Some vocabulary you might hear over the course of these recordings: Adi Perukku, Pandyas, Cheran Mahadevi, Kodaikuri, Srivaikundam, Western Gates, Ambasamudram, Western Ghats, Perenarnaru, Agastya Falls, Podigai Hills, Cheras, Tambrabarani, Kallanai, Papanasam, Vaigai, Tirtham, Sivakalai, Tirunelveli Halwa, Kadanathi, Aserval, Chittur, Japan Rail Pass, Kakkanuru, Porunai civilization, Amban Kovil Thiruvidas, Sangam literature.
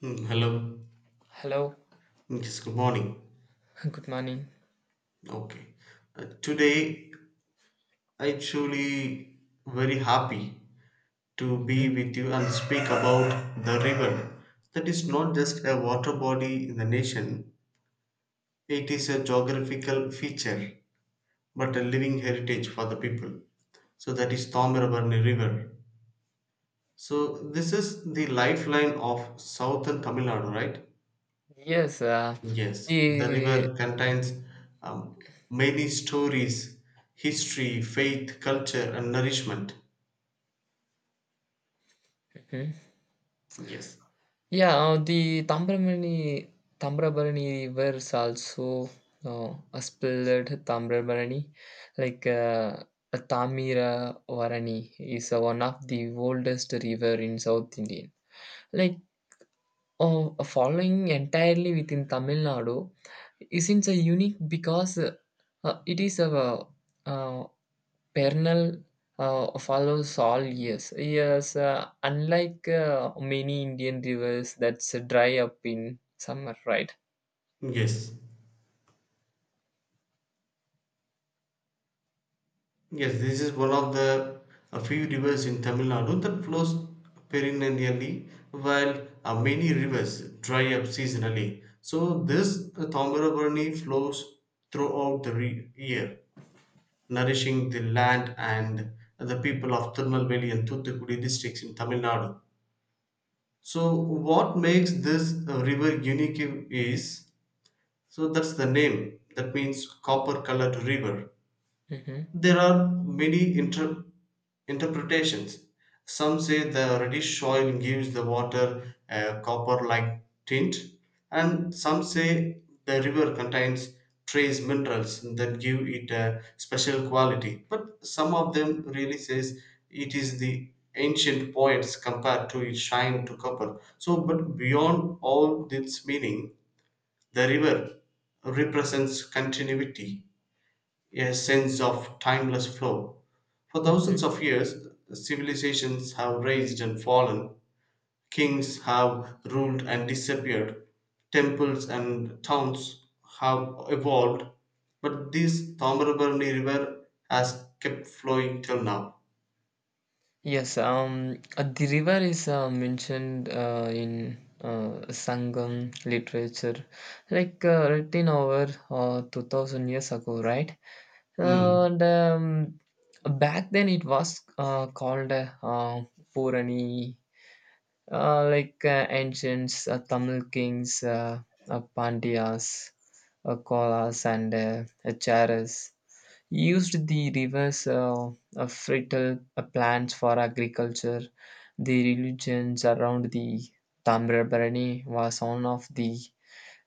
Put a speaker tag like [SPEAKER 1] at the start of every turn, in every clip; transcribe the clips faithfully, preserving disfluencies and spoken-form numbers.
[SPEAKER 1] Hmm, hello.
[SPEAKER 2] Hello,
[SPEAKER 1] Yes, good morning.
[SPEAKER 2] good morning.
[SPEAKER 1] Okay. Uh, today, I truly very happy to be
[SPEAKER 2] Mhm.
[SPEAKER 1] with you and speak about the river. That is not just a water body in the nation. It is a geographical feature, but a living heritage for the people. So that is Thomirabharni River. So this is the lifeline of southern Tamil Nadu, right?
[SPEAKER 2] Yes, uh,
[SPEAKER 1] Yes, the
[SPEAKER 2] the
[SPEAKER 1] river contains um, many stories, history, faith, culture, and nourishment.
[SPEAKER 2] mhm.
[SPEAKER 1] Yes,
[SPEAKER 2] yeah, uh, the Tambrabarani Tambrabarani rivers also uh, uh, spelled Tambrabarani, like uh, a Tamira Varani is uh, one of the oldest river in South India. Like uh, following entirely within Tamil Nadu, isn't uh, unique because uh, uh, it is a uh, Pernal uh, follows all years. Yes, uh, unlike uh, many Indian rivers that's uh, dry up in summer, right?
[SPEAKER 1] yes, yes. This is one of the a few rivers in Tamil Nadu that flows perennially, while uh, many rivers dry up seasonally. So this uh, Thomirabirani flows throughout the re- year, nourishing the land and the people of Tirunelveli and Thoothukudi districts in Tamil Nadu. So what makes this uh, river unique is so that's the name that means copper colored river.
[SPEAKER 2] Hmm.
[SPEAKER 1] There are many inter- interpretations. Some say the reddish soil gives the water a copper like tint, and some say the river contains trace minerals that give it a special quality. But some of them really says it is the ancient poets compared to its shine to copper. So, but beyond all its meaning, the river represents continuity, a sense of timeless flow. For thousands
[SPEAKER 2] Hmm.
[SPEAKER 1] of years, civilizations have raised and fallen, kings have ruled and disappeared, temples and towns have evolved, but this Tamarabarni River has kept flowing till now.
[SPEAKER 2] Yes, um, uh, the river is uh, mentioned uh, in uh, Sangam literature, like uh, written over uh, two thousand years ago, right?
[SPEAKER 1] Mm,
[SPEAKER 2] And um, back then it was uh, called uh, uh, Purani uh, like uh, ancients, uh, Tamil kings, uh, uh, Pandyas, uh, Kolas, and uh, uh, Charas, used the rivers uh, uh, fertile uh, plants for agriculture. The religions around the Tamrabarani was one of the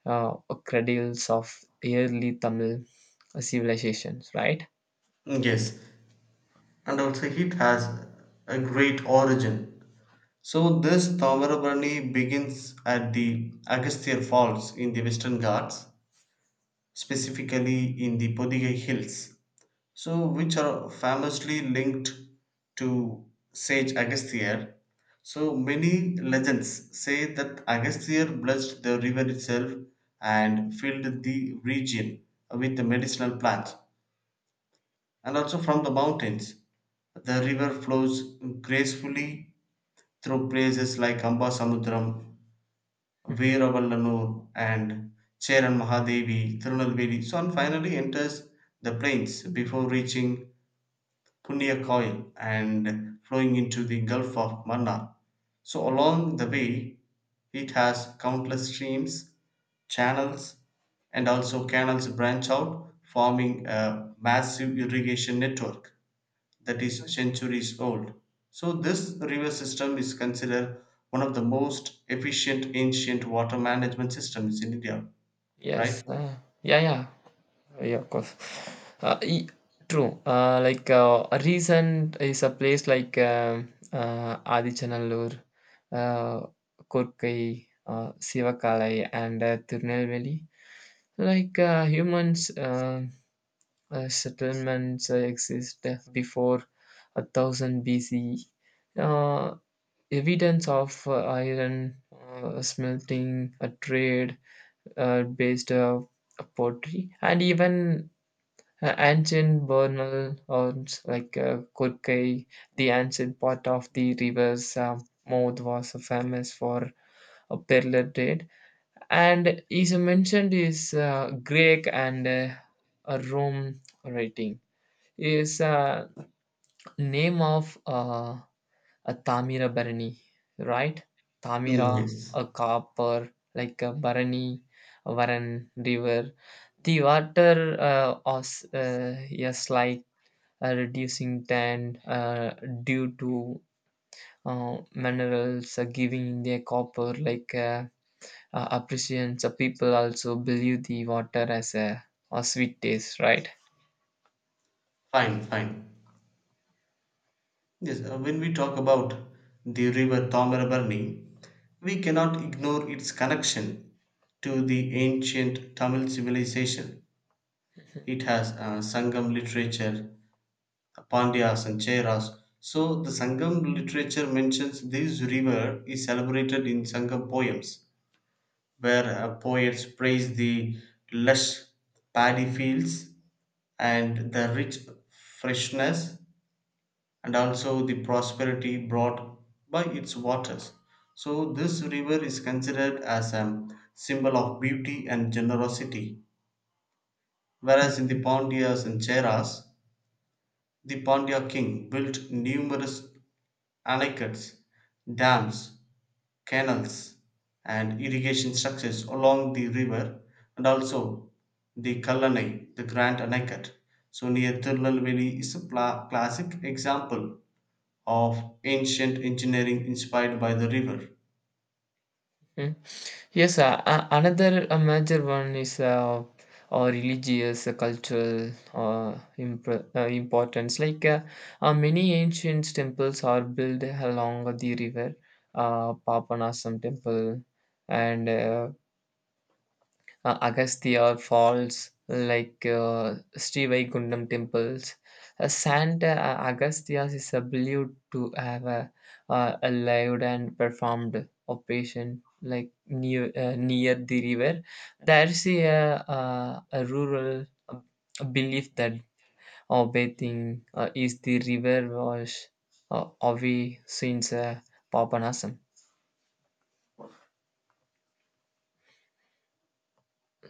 [SPEAKER 2] uh, cradles of early Tamil civilizations, right?
[SPEAKER 1] yes, and also it has a great origin. So this Tamarabarni begins at the Agastya Falls in the Western Ghats, specifically in the Podigai Hills, so which are famously linked to sage Agastya. So many legends say that Agastya blessed the river itself and filled the region with the medicinal plants. And also from the mountains, the river flows gracefully through places like Amba Samudram,
[SPEAKER 2] Mhm.
[SPEAKER 1] Veeravallanur, and Cheran Mahadevi Tirunelveli. So and finally enters the plains before reaching Punnakoil and flowing into the Gulf of Mannar. So along the way it has countless streams, channels, and also canals branch out, forming a massive irrigation network that is centuries old. So, this river system is considered one of the most efficient ancient water management systems in India,
[SPEAKER 2] Yes.
[SPEAKER 1] right?
[SPEAKER 2] Uh, yeah, yeah. Yeah, of course. Uh, e- true. Uh, like uh, a recent is a place like um uh, Adichannallur, uh, Korkai, uh, Sivakalai, and uh, Tirunelveli. Like uh, humans, uh, uh, settlements uh, exist before a thousand B C. Uh, Evidence of uh, iron uh, smelting, a trade uh, based uh, pottery, and even uh, ancient burial grounds like uh, Kurkai, the ancient part of the river's um, mouth, was famous for a pearl trade, and is mentioned is uh, Greek and uh, a Rome writing. Is uh, name of uh, a Tamira Barani, right?
[SPEAKER 1] Mm,
[SPEAKER 2] Tamira,
[SPEAKER 1] yes.
[SPEAKER 2] a copper, like a Barani, a Varan river. The water uh, was uh, yes, like uh, reducing tan uh, due to uh, minerals, uh, giving the copper like uh, uh, appreciations. Uh, people also believe the water as a, a sweet taste, right?
[SPEAKER 1] Fine, fine. Yes, uh, when we talk about the river Tamarabarni, we cannot ignore its connection to the ancient Tamil civilization. It has uh, Sangam literature, Pandyas and Cheras. So the Sangam literature mentions this river is celebrated in Sangam poems, where uh, poets praise the lush paddy fields and the rich freshness and also the prosperity brought by its waters. So this river is considered as a symbol of beauty and generosity. Whereas in the
[SPEAKER 2] Mhm.
[SPEAKER 1] Pandyas and Cheras, the Pandya king built numerous Alaicuttes, dams, canals, and irrigation structures along the river, and also the Kallanai, the Grand Anaicut. So, near Tirunelveli is a pla- classic example of ancient engineering inspired by the river.
[SPEAKER 2] Mhm. Yes, uh, a- another uh, major one is uh, or religious, uh, cultural uh, imp uh, importance. Like uh, uh, many ancient temples are built along the river, uh, Papanasam temple and uh, uh, Agastya Falls, like uh, Srivaikundam temples. Uh, Santa uh, Agastya's is a believed to have a, uh, a lived and performed operation like near uh, near the river. There is a, uh, a rural uh, belief that uh, bathing uh, is the river wash uh, of the sins uh, papanasam.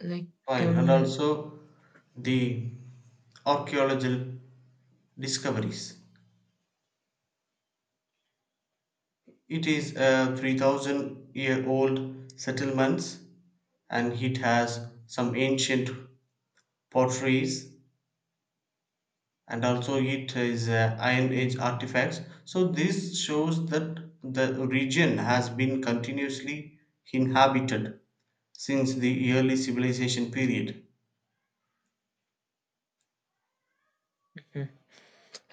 [SPEAKER 2] Like
[SPEAKER 1] Fine, and
[SPEAKER 2] um,
[SPEAKER 1] also the archaeological discoveries. It is a three thousand year old settlement and it has some ancient potteries and also it is uh, iron age artifacts, so this shows that the region has been continuously inhabited since the early civilization period.
[SPEAKER 2] hmm.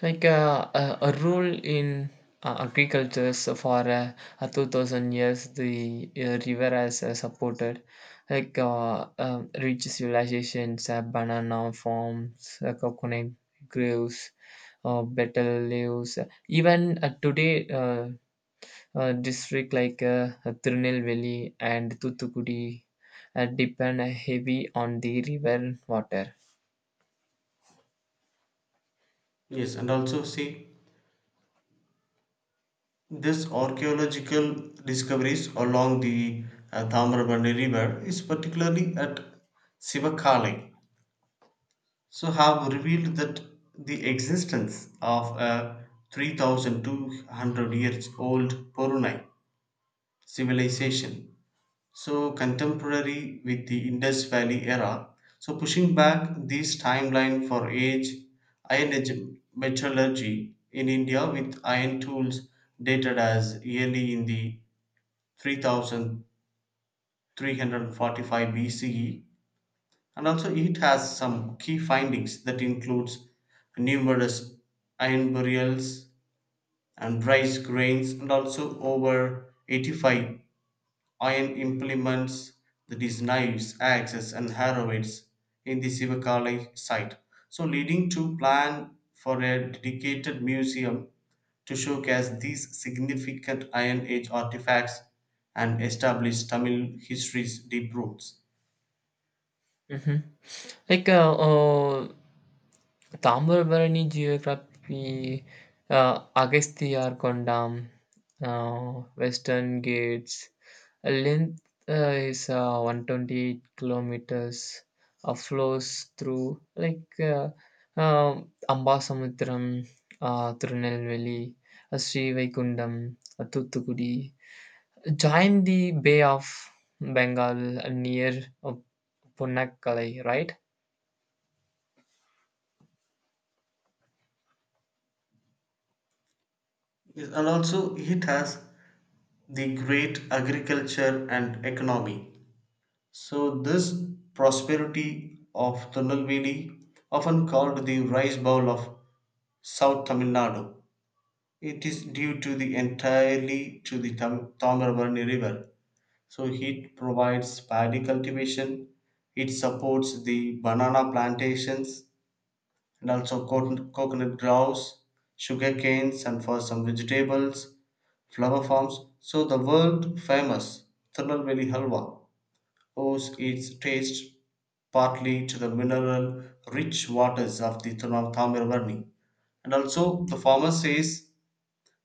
[SPEAKER 2] Like uh, a, a rule in uh, agriculture so for uh, uh, two thousand years, the uh, river has uh, supported like uh, um, rich civilizations, uh, banana farms, uh, coconut groves, uh, betel leaves. uh, Even uh, today, uh, uh, district like uh, Tirunelveli and Thuthukudi uh, depend heavy on the river water.
[SPEAKER 1] Yes, and also see this archaeological discoveries along the uh, Tamrabandi river is particularly at Sivakali, so have revealed that the existence of a three thousand two hundred years old Porunai civilization. So contemporary with the Indus Valley era. So pushing back this timeline for age, Iron Age metallurgy in India with iron tools dated as early in the three thousand three hundred forty-five B C E. And also it has some key findings that includes numerous iron burials and rice grains and also over eighty-five iron implements, that is knives, axes and harrows in the Sivakali site. So leading to plan for a dedicated museum to showcase these significant Iron Age artifacts and establish Tamil history's deep roots.
[SPEAKER 2] Mhm. Like, uh, uh, Tambarbarani geography, uh, Agastya Kondam, uh, Western Gates. A length uh, is uh, one hundred twenty-eight kilometers. Uh, flows through like uh, uh, Ambasamudram, uh, Tirunelveli, uh, Sri Vaikundam, uh, Thuthukudi. Join the Bay of Bengal uh, near uh, Punakkalai, right?
[SPEAKER 1] Yes, and also it has the great agriculture and economy. So this prosperity of Thunelveli, often called the rice bowl of South Tamil Nadu, it is due to the entirely to the Tam- Tamarabarni River. So it provides paddy cultivation, it supports the banana plantations and also co- coconut groves, sugar canes and for some vegetables, flower farms. So the world famous Tirunelveli Halwa owes its taste partly to the mineral rich waters of the Tamarabarni. And also the farmer says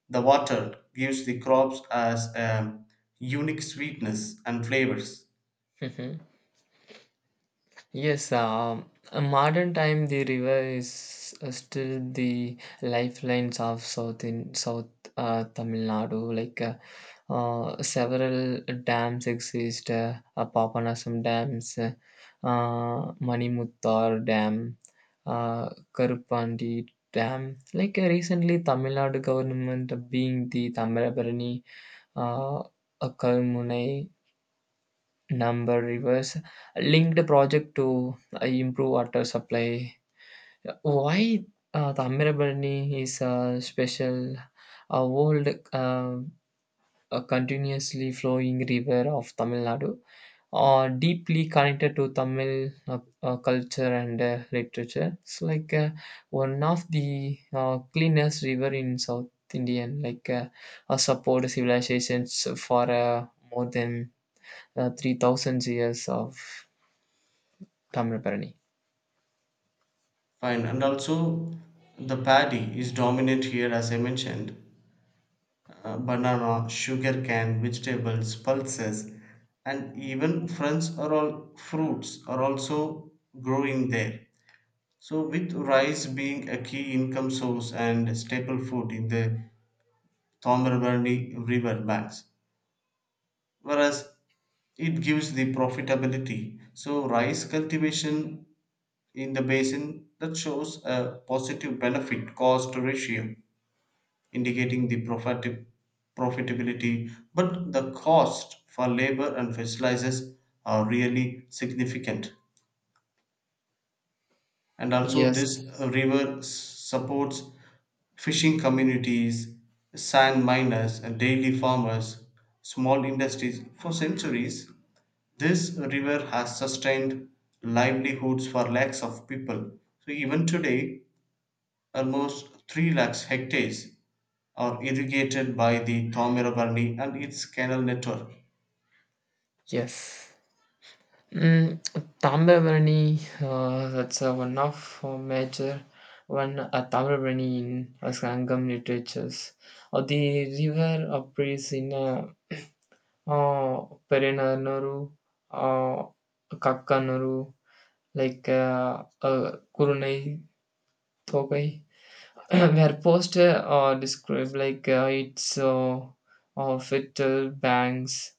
[SPEAKER 1] the water gives the crops as a unique sweetness and flavors.
[SPEAKER 2] Mhm. Yes, um, a modern time the river is uh, still the lifelines of South in South uh, Tamil Nadu. Like uh, uh, several dams exist, uh, uh, Papanasam dams, uh, uh, Manimuttar dam, uh, Karupandi dam. Like uh, recently, Tamil Nadu government being the Tamarabarani, uh, uh, Kalmunai number rivers linked project to uh, improve water supply why uh, the Ammirabani is a special uh, old uh, a continuously flowing river of Tamil Nadu uh, deeply connected to Tamil uh, uh, culture and uh, literature it's like uh, one of the uh, cleanest river in South Indian like uh, uh, support civilizations for uh, more than uh, three thousand years of Tamrapalani.
[SPEAKER 1] Fine, and also the paddy is dominant here, as I mentioned. Uh, banana, sugarcane, vegetables, pulses, and even French are all fruits are also growing there. So, with rice being a key income source and staple food in the Thomarbarni river banks, whereas it gives the profitability. So rice cultivation in the basin that shows a positive benefit cost ratio, indicating the profit profitability, but the cost for labor and fertilizers are really significant, and also
[SPEAKER 2] Yes.
[SPEAKER 1] this uh, river s- supports fishing communities, sand miners and daily farmers, small industries for centuries. This river has sustained livelihoods for lakhs of people. So even today, almost three lakhs hectares are irrigated by the Thomirabandi and its canal network.
[SPEAKER 2] Yes. Mm, Tamrabarani, uh, that's uh, one of uh, major one uh, Tamrabarani in uh, Sangam literatures. Uh, the river appears in uh, uh, Perenarnaru, uh, Kakkanuru, like uh, uh, Kurunai Thogai, where posts uh, describe like uh, its uh, uh, fertile banks.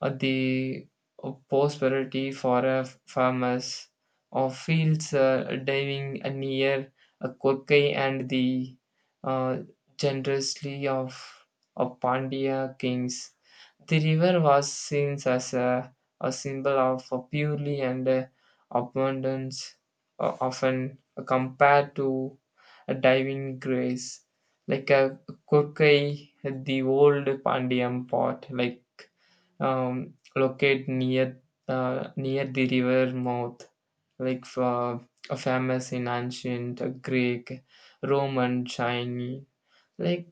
[SPEAKER 2] Uh, the uh, prosperity for a farmers of fields uh, diving near a Kokai and the uh, generously of, of Pandya kings. The river was seen as a, a symbol of uh, purely and uh, abundance, uh, often compared to a diving grace. Like a Kokai, the old Pandian pot, like um, locate near uh, near the river mouth, like uh, famous in ancient Greek, Roman, Chinese. Like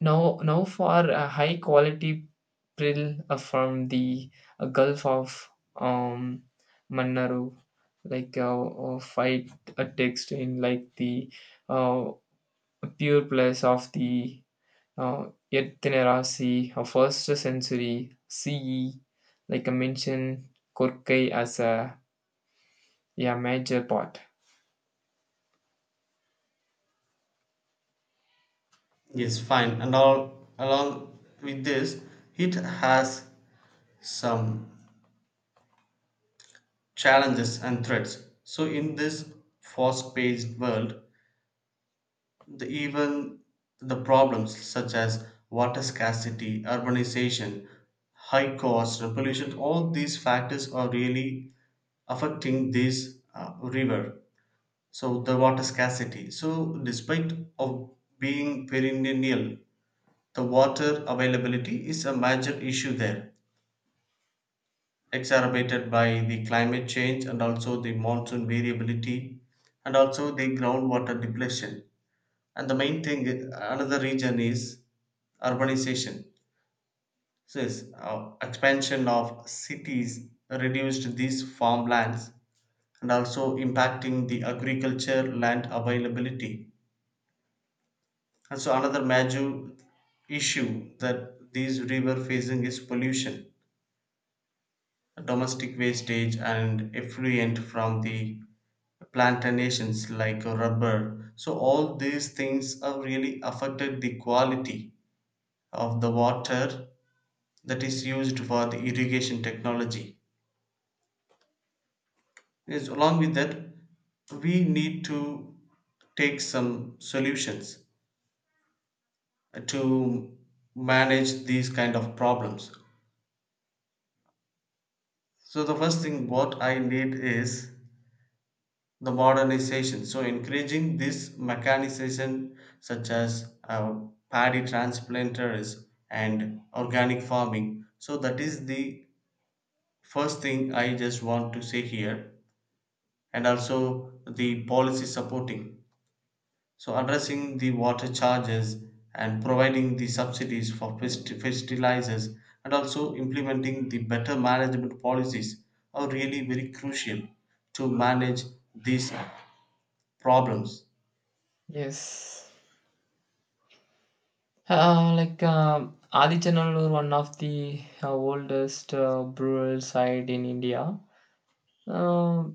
[SPEAKER 2] now, now for a high quality prill uh, from the uh, Gulf of um, Mannaru, like uh, uh, fight a text in like the uh, pure place of the uh, yet there are see a first century C E, like I mentioned, Korkai as a, a major part.
[SPEAKER 1] Yes, fine. And all along with this, it has some challenges and threats. So in this fast-paced world, the even the problems such as water scarcity, urbanization, high cost, and pollution, all these factors are really affecting this uh, river. So the water scarcity. So despite of being perennial, the water availability is a major issue there, exacerbated by the climate change and also the monsoon variability and also the groundwater depletion, and the main thing, another region is urbanization, so it's, uh, expansion of cities reduced these farmlands and also impacting the agriculture land availability. And so another major issue that these river facing is pollution, domestic wastage and effluent from the plantations like rubber, so all these things have really affected the quality of the water that is used for the irrigation technology. Yes, along with that, we need to take some solutions to manage these kind of problems. So the first thing what I need is the modernization. So encouraging this mechanization such as uh, paddy transplanters and organic farming. So that is the first thing I just want to say here, and also the policy supporting. So addressing the water charges and providing the subsidies for pesti- fertilizers and also implementing the better management policies are really very crucial to manage these problems.
[SPEAKER 2] Yes. Uh, like um Adichannallur, one of the uh, oldest uh, brewery site in India. Uh,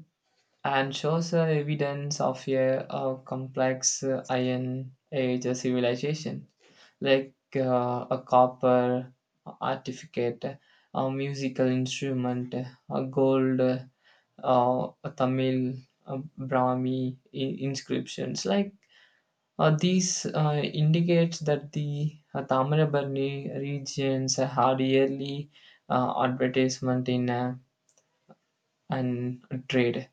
[SPEAKER 2] and shows uh, evidence of a, uh, complex uh, Iron Age civilization, like uh, a copper artifact, a musical instrument, a gold, uh, a Tamil uh, Brahmi in- inscriptions. Like uh, these uh, indicates that the uh, Tamarabarni regions had yearly uh, advertisement in uh, and trade.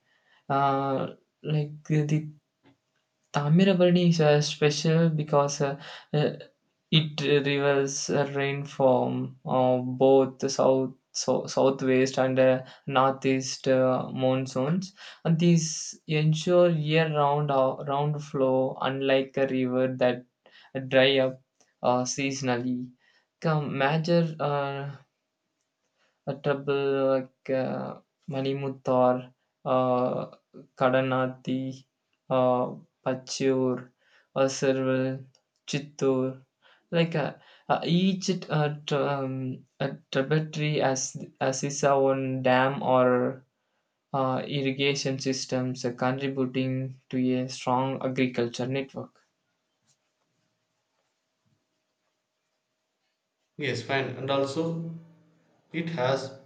[SPEAKER 2] Uh, like the Tamirabarni is uh, special because uh, uh, it reverses uh, rain from uh, both the south, so, southwest and uh, northeast uh, monsoons. And these ensure year-round uh, round flow, unlike a river that dry up uh, seasonally. Come, major uh, a trouble like uh, Manimuttar, uh, Kadanathi, uh, Pachur, Aserval, Chittur. Like uh, uh, each uh, tr- um, a tributary as as is our own dam or uh, irrigation systems uh, contributing to a strong agriculture network.
[SPEAKER 1] Yes, fine. And also it has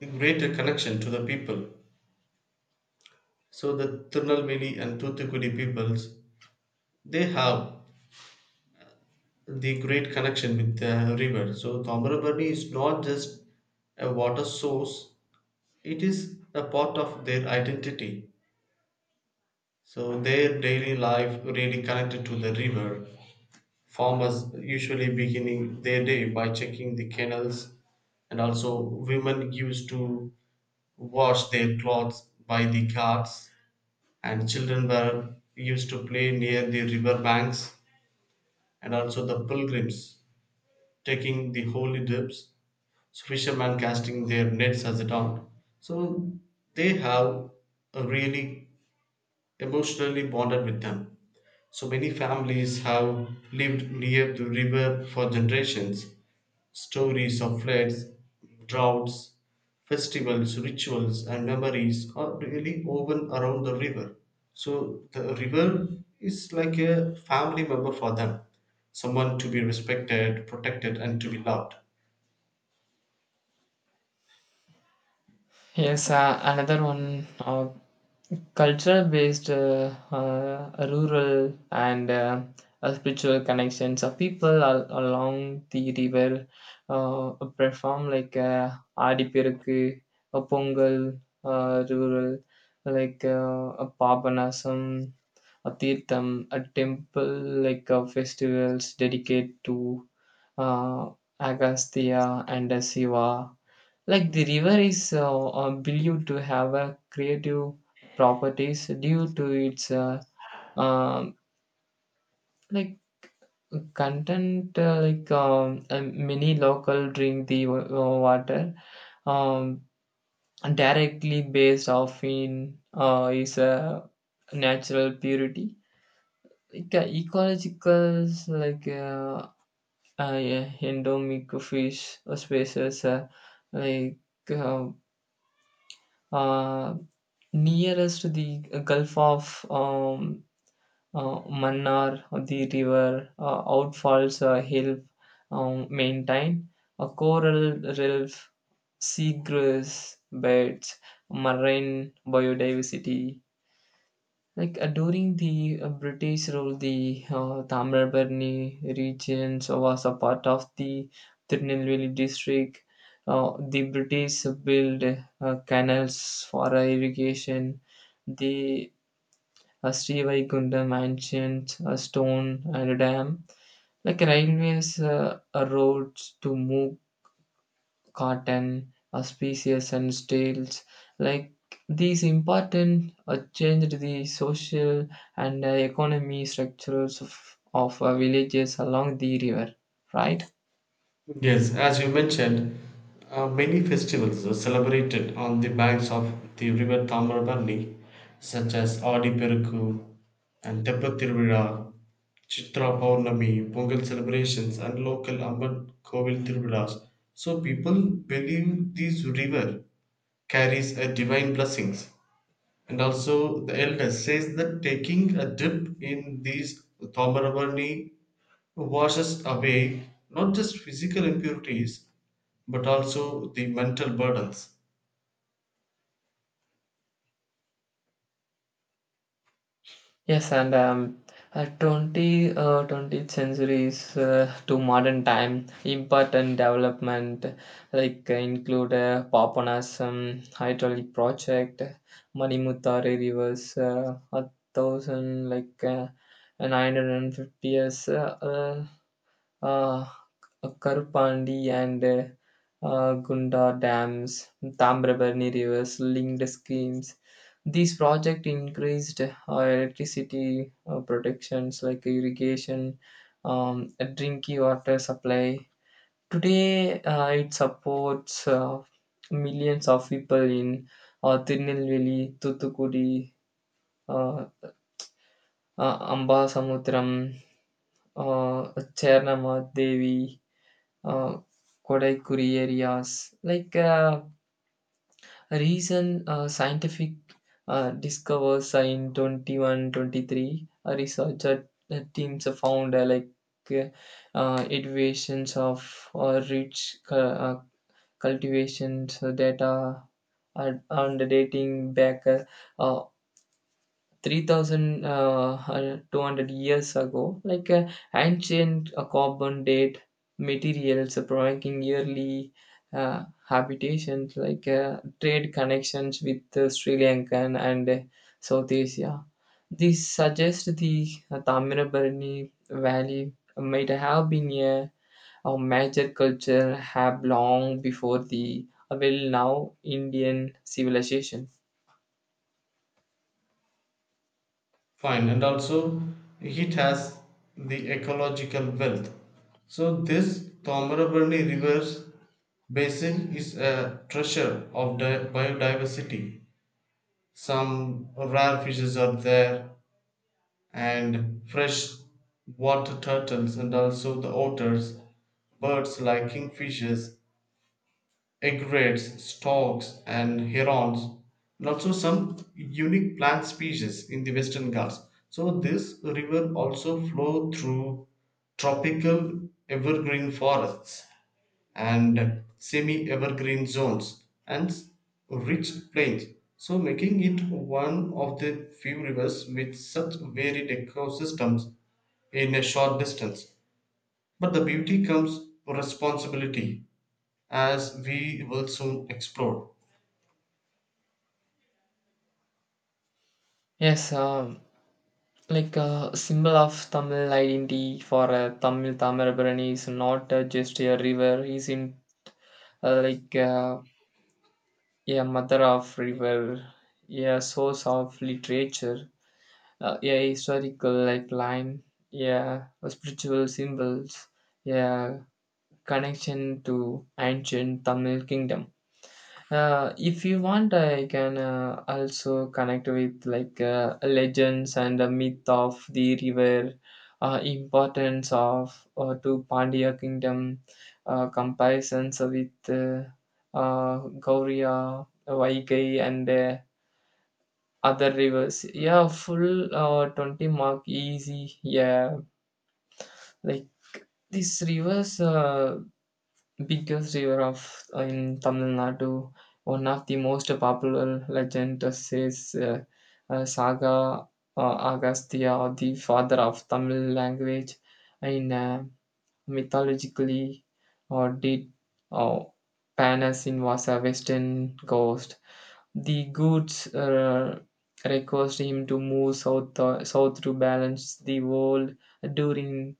[SPEAKER 1] a greater connection to the people. So the Tirunelveli and Thuthukudi peoples, they have the great connection with the river. So Thomarabadi is not just a water source. It is a part of their identity. So their daily life really connected to the river. Farmers usually beginning their day by checking the canals, and also women used to wash their clothes by the carts, and children were used to play near the river banks, and also the pilgrims taking the holy dips, so fishermen casting their nets as a dawn, so they have a really emotionally bonded with them. So many families have lived near the river for generations. Stories of floods, droughts, festivals, rituals, and memories are really woven around the river. So the river is like a family member for them, someone to be respected, protected, and to be loved.
[SPEAKER 2] Yes, uh, another one uh, cultural based uh, uh, rural and uh, uh, spiritual connections of people al- along the river uh, perform like uh, Adipiruku, a Pongal, uh, rural, like uh, a Pabanasam, a Tirtham, a temple, like uh, festivals dedicated to uh, Agastya and uh, Shiva. Like the river is uh, uh, believed to have a creative properties due to its uh, um like content. Uh, like um, uh, many local drink the wa- uh, water um, directly based off in uh, is a natural purity. Like, uh, ecological like uh, uh, yeah, endemic fish uh, species uh, like uh, uh, nearest the Gulf of um, uh, Mannar, the river, uh, out a hill um, maintain, a coral reef, seagrass beds, marine biodiversity. Like uh, during the uh, British rule, the uh, Tamilbarni region was a part of the Tirunelveli district. Uh, the British built uh, canals for irrigation. The a uh, Srivaikuntha mansions, a stone and a dam, like railways, uh, uh, roads to move cotton, a species and tales. Like these important uh, changed the social and uh, economy structures of, of uh, villages along the river, right?
[SPEAKER 1] Yes, as you mentioned, uh, many festivals are celebrated on the banks of the river Tamarabarni, such as Adi Perukku and Teppathiruvizha, Chitra Purnami, Pongal celebrations, and local Amban Kovil Thiruvidas. So people believe this river carries a divine blessings. And also the elder says that taking a dip in these Tamarabarni washes away not just physical impurities but also the mental burdens.
[SPEAKER 2] Yes, and um, uh, twenty, uh, twentieth centuries uh, to modern time, important development like uh, include uh, Papanasam hydraulic project, Manimutari rivers, uh, a thousand like uh, nine hundred fifty years. Uh, uh, uh, Karupandi and uh, uh, Gunda dams, Tambrabani rivers, linked schemes. These projects increased uh, electricity uh, protections like irrigation, um, drinking water supply. Today, uh, it supports uh, millions of people in uh, Tirunelveli, Thuthukudi, uh, uh, Ambasamutram, uh, Chernamadevi, uh, Kodaikuri areas. Like uh, recent uh, scientific uh, discovers in twenty-one twenty-three, a researcher uh, teams have found uh, like uh, iterations of uh, rich cu- uh, cultivations data and, and dating back uh, Three thousand uh, uh, two hundred years ago, like uh, ancient uh, carbon date materials providing yearly uh, habitations, like uh, trade connections with uh, Sri Lankan and uh, South Asia. This suggests the uh, Tamirabarani Valley might have been a, a major culture hub long before the, uh, well, now Indian civilization.
[SPEAKER 1] Fine, and also it has the ecological wealth. So this Tomarabarni River basin is a treasure of di- biodiversity. Some rare fishes are there, and fresh water turtles, and also the otters, birds like kingfishers, egrets, storks, and herons, and also some unique plant species in the Western Ghats. So this river also flow through tropical evergreen forests and semi-evergreen zones and rich plains. So making it one of the few rivers with such varied ecosystems in a short distance. But the beauty comes responsibility, as we will soon explore.
[SPEAKER 2] Yes, um, like a symbol of Tamil identity for a Tamil Tamirabarani is not uh, just a river, is in uh, like uh, a mother of river, a source of literature, uh, a historical like line, yeah, spiritual symbols, yeah, connection to ancient Tamil kingdom. Uh, if you want, I can uh, also connect with like uh, legends and the myth of the river, uh, importance of uh, to Pandya kingdom, uh, comparisons with uh, uh, Gaurya, Vaigai, and uh, other rivers. Yeah, full uh, twenty mark easy. Yeah, like these rivers. Uh, biggest river of uh, in Tamil Nadu. One of the most popular legend says uh, uh, Saga uh, Agastya, the father of Tamil language, in uh, mythologically or did uh, Panasin was a western coast. The goods uh, request him to move south uh, south to balance the world during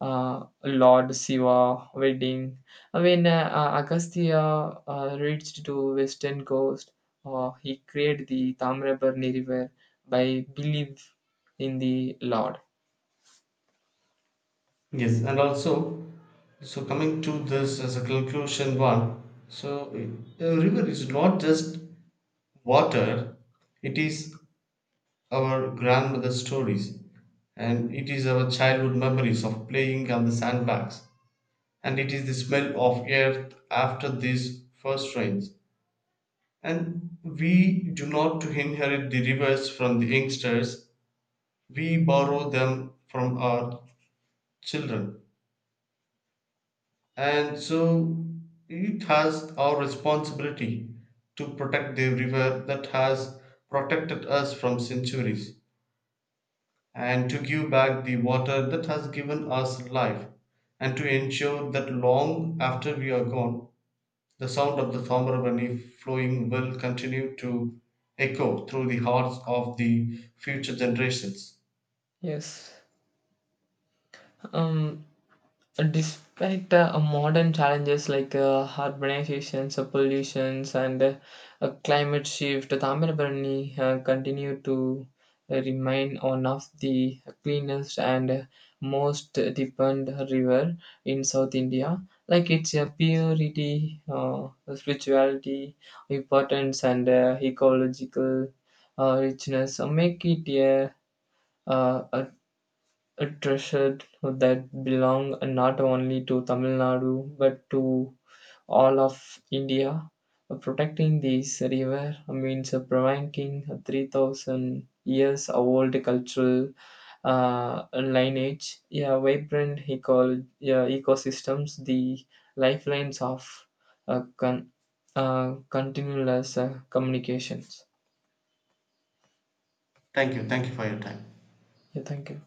[SPEAKER 2] uh, Lord Shiva wedding. When uh, uh, Agastya uh, reached to western coast, uh, he created the Tamrabarni River by belief in the Lord.
[SPEAKER 1] Yes, and also, so coming to this as a conclusion one, so a river is not just water, it is our grandmother's stories, and it is our childhood memories of playing on the sandbags, and it is the smell of earth after these first rains. And we do not to inherit the rivers from the youngsters, we borrow them from our children. And so it has our responsibility to protect the river that has protected us from centuries, and to give back the water that has given us life, and to ensure that long after we are gone, the sound of the Thomarabani flowing will continue to echo through the hearts of the future generations.
[SPEAKER 2] Yes. Um, So despite uh, modern challenges like uh, urbanization, uh, pollutions, and uh, uh, climate shift, Tamilbarani uh, continue to uh, remain one of the cleanest and uh, most deepened river in South India. Like its uh, purity, uh, spirituality, importance, and uh, ecological uh, richness uh, make it a, uh, a a treasure that belong not only to Tamil Nadu but to all of India. Protecting this river means preventing three thousand years old cultural uh, lineage, yeah, vibrant eco- yeah, ecosystems, the lifelines of uh, con- uh, continuous uh, communications.
[SPEAKER 1] Thank you. Thank you for your time.
[SPEAKER 2] Yeah, thank you.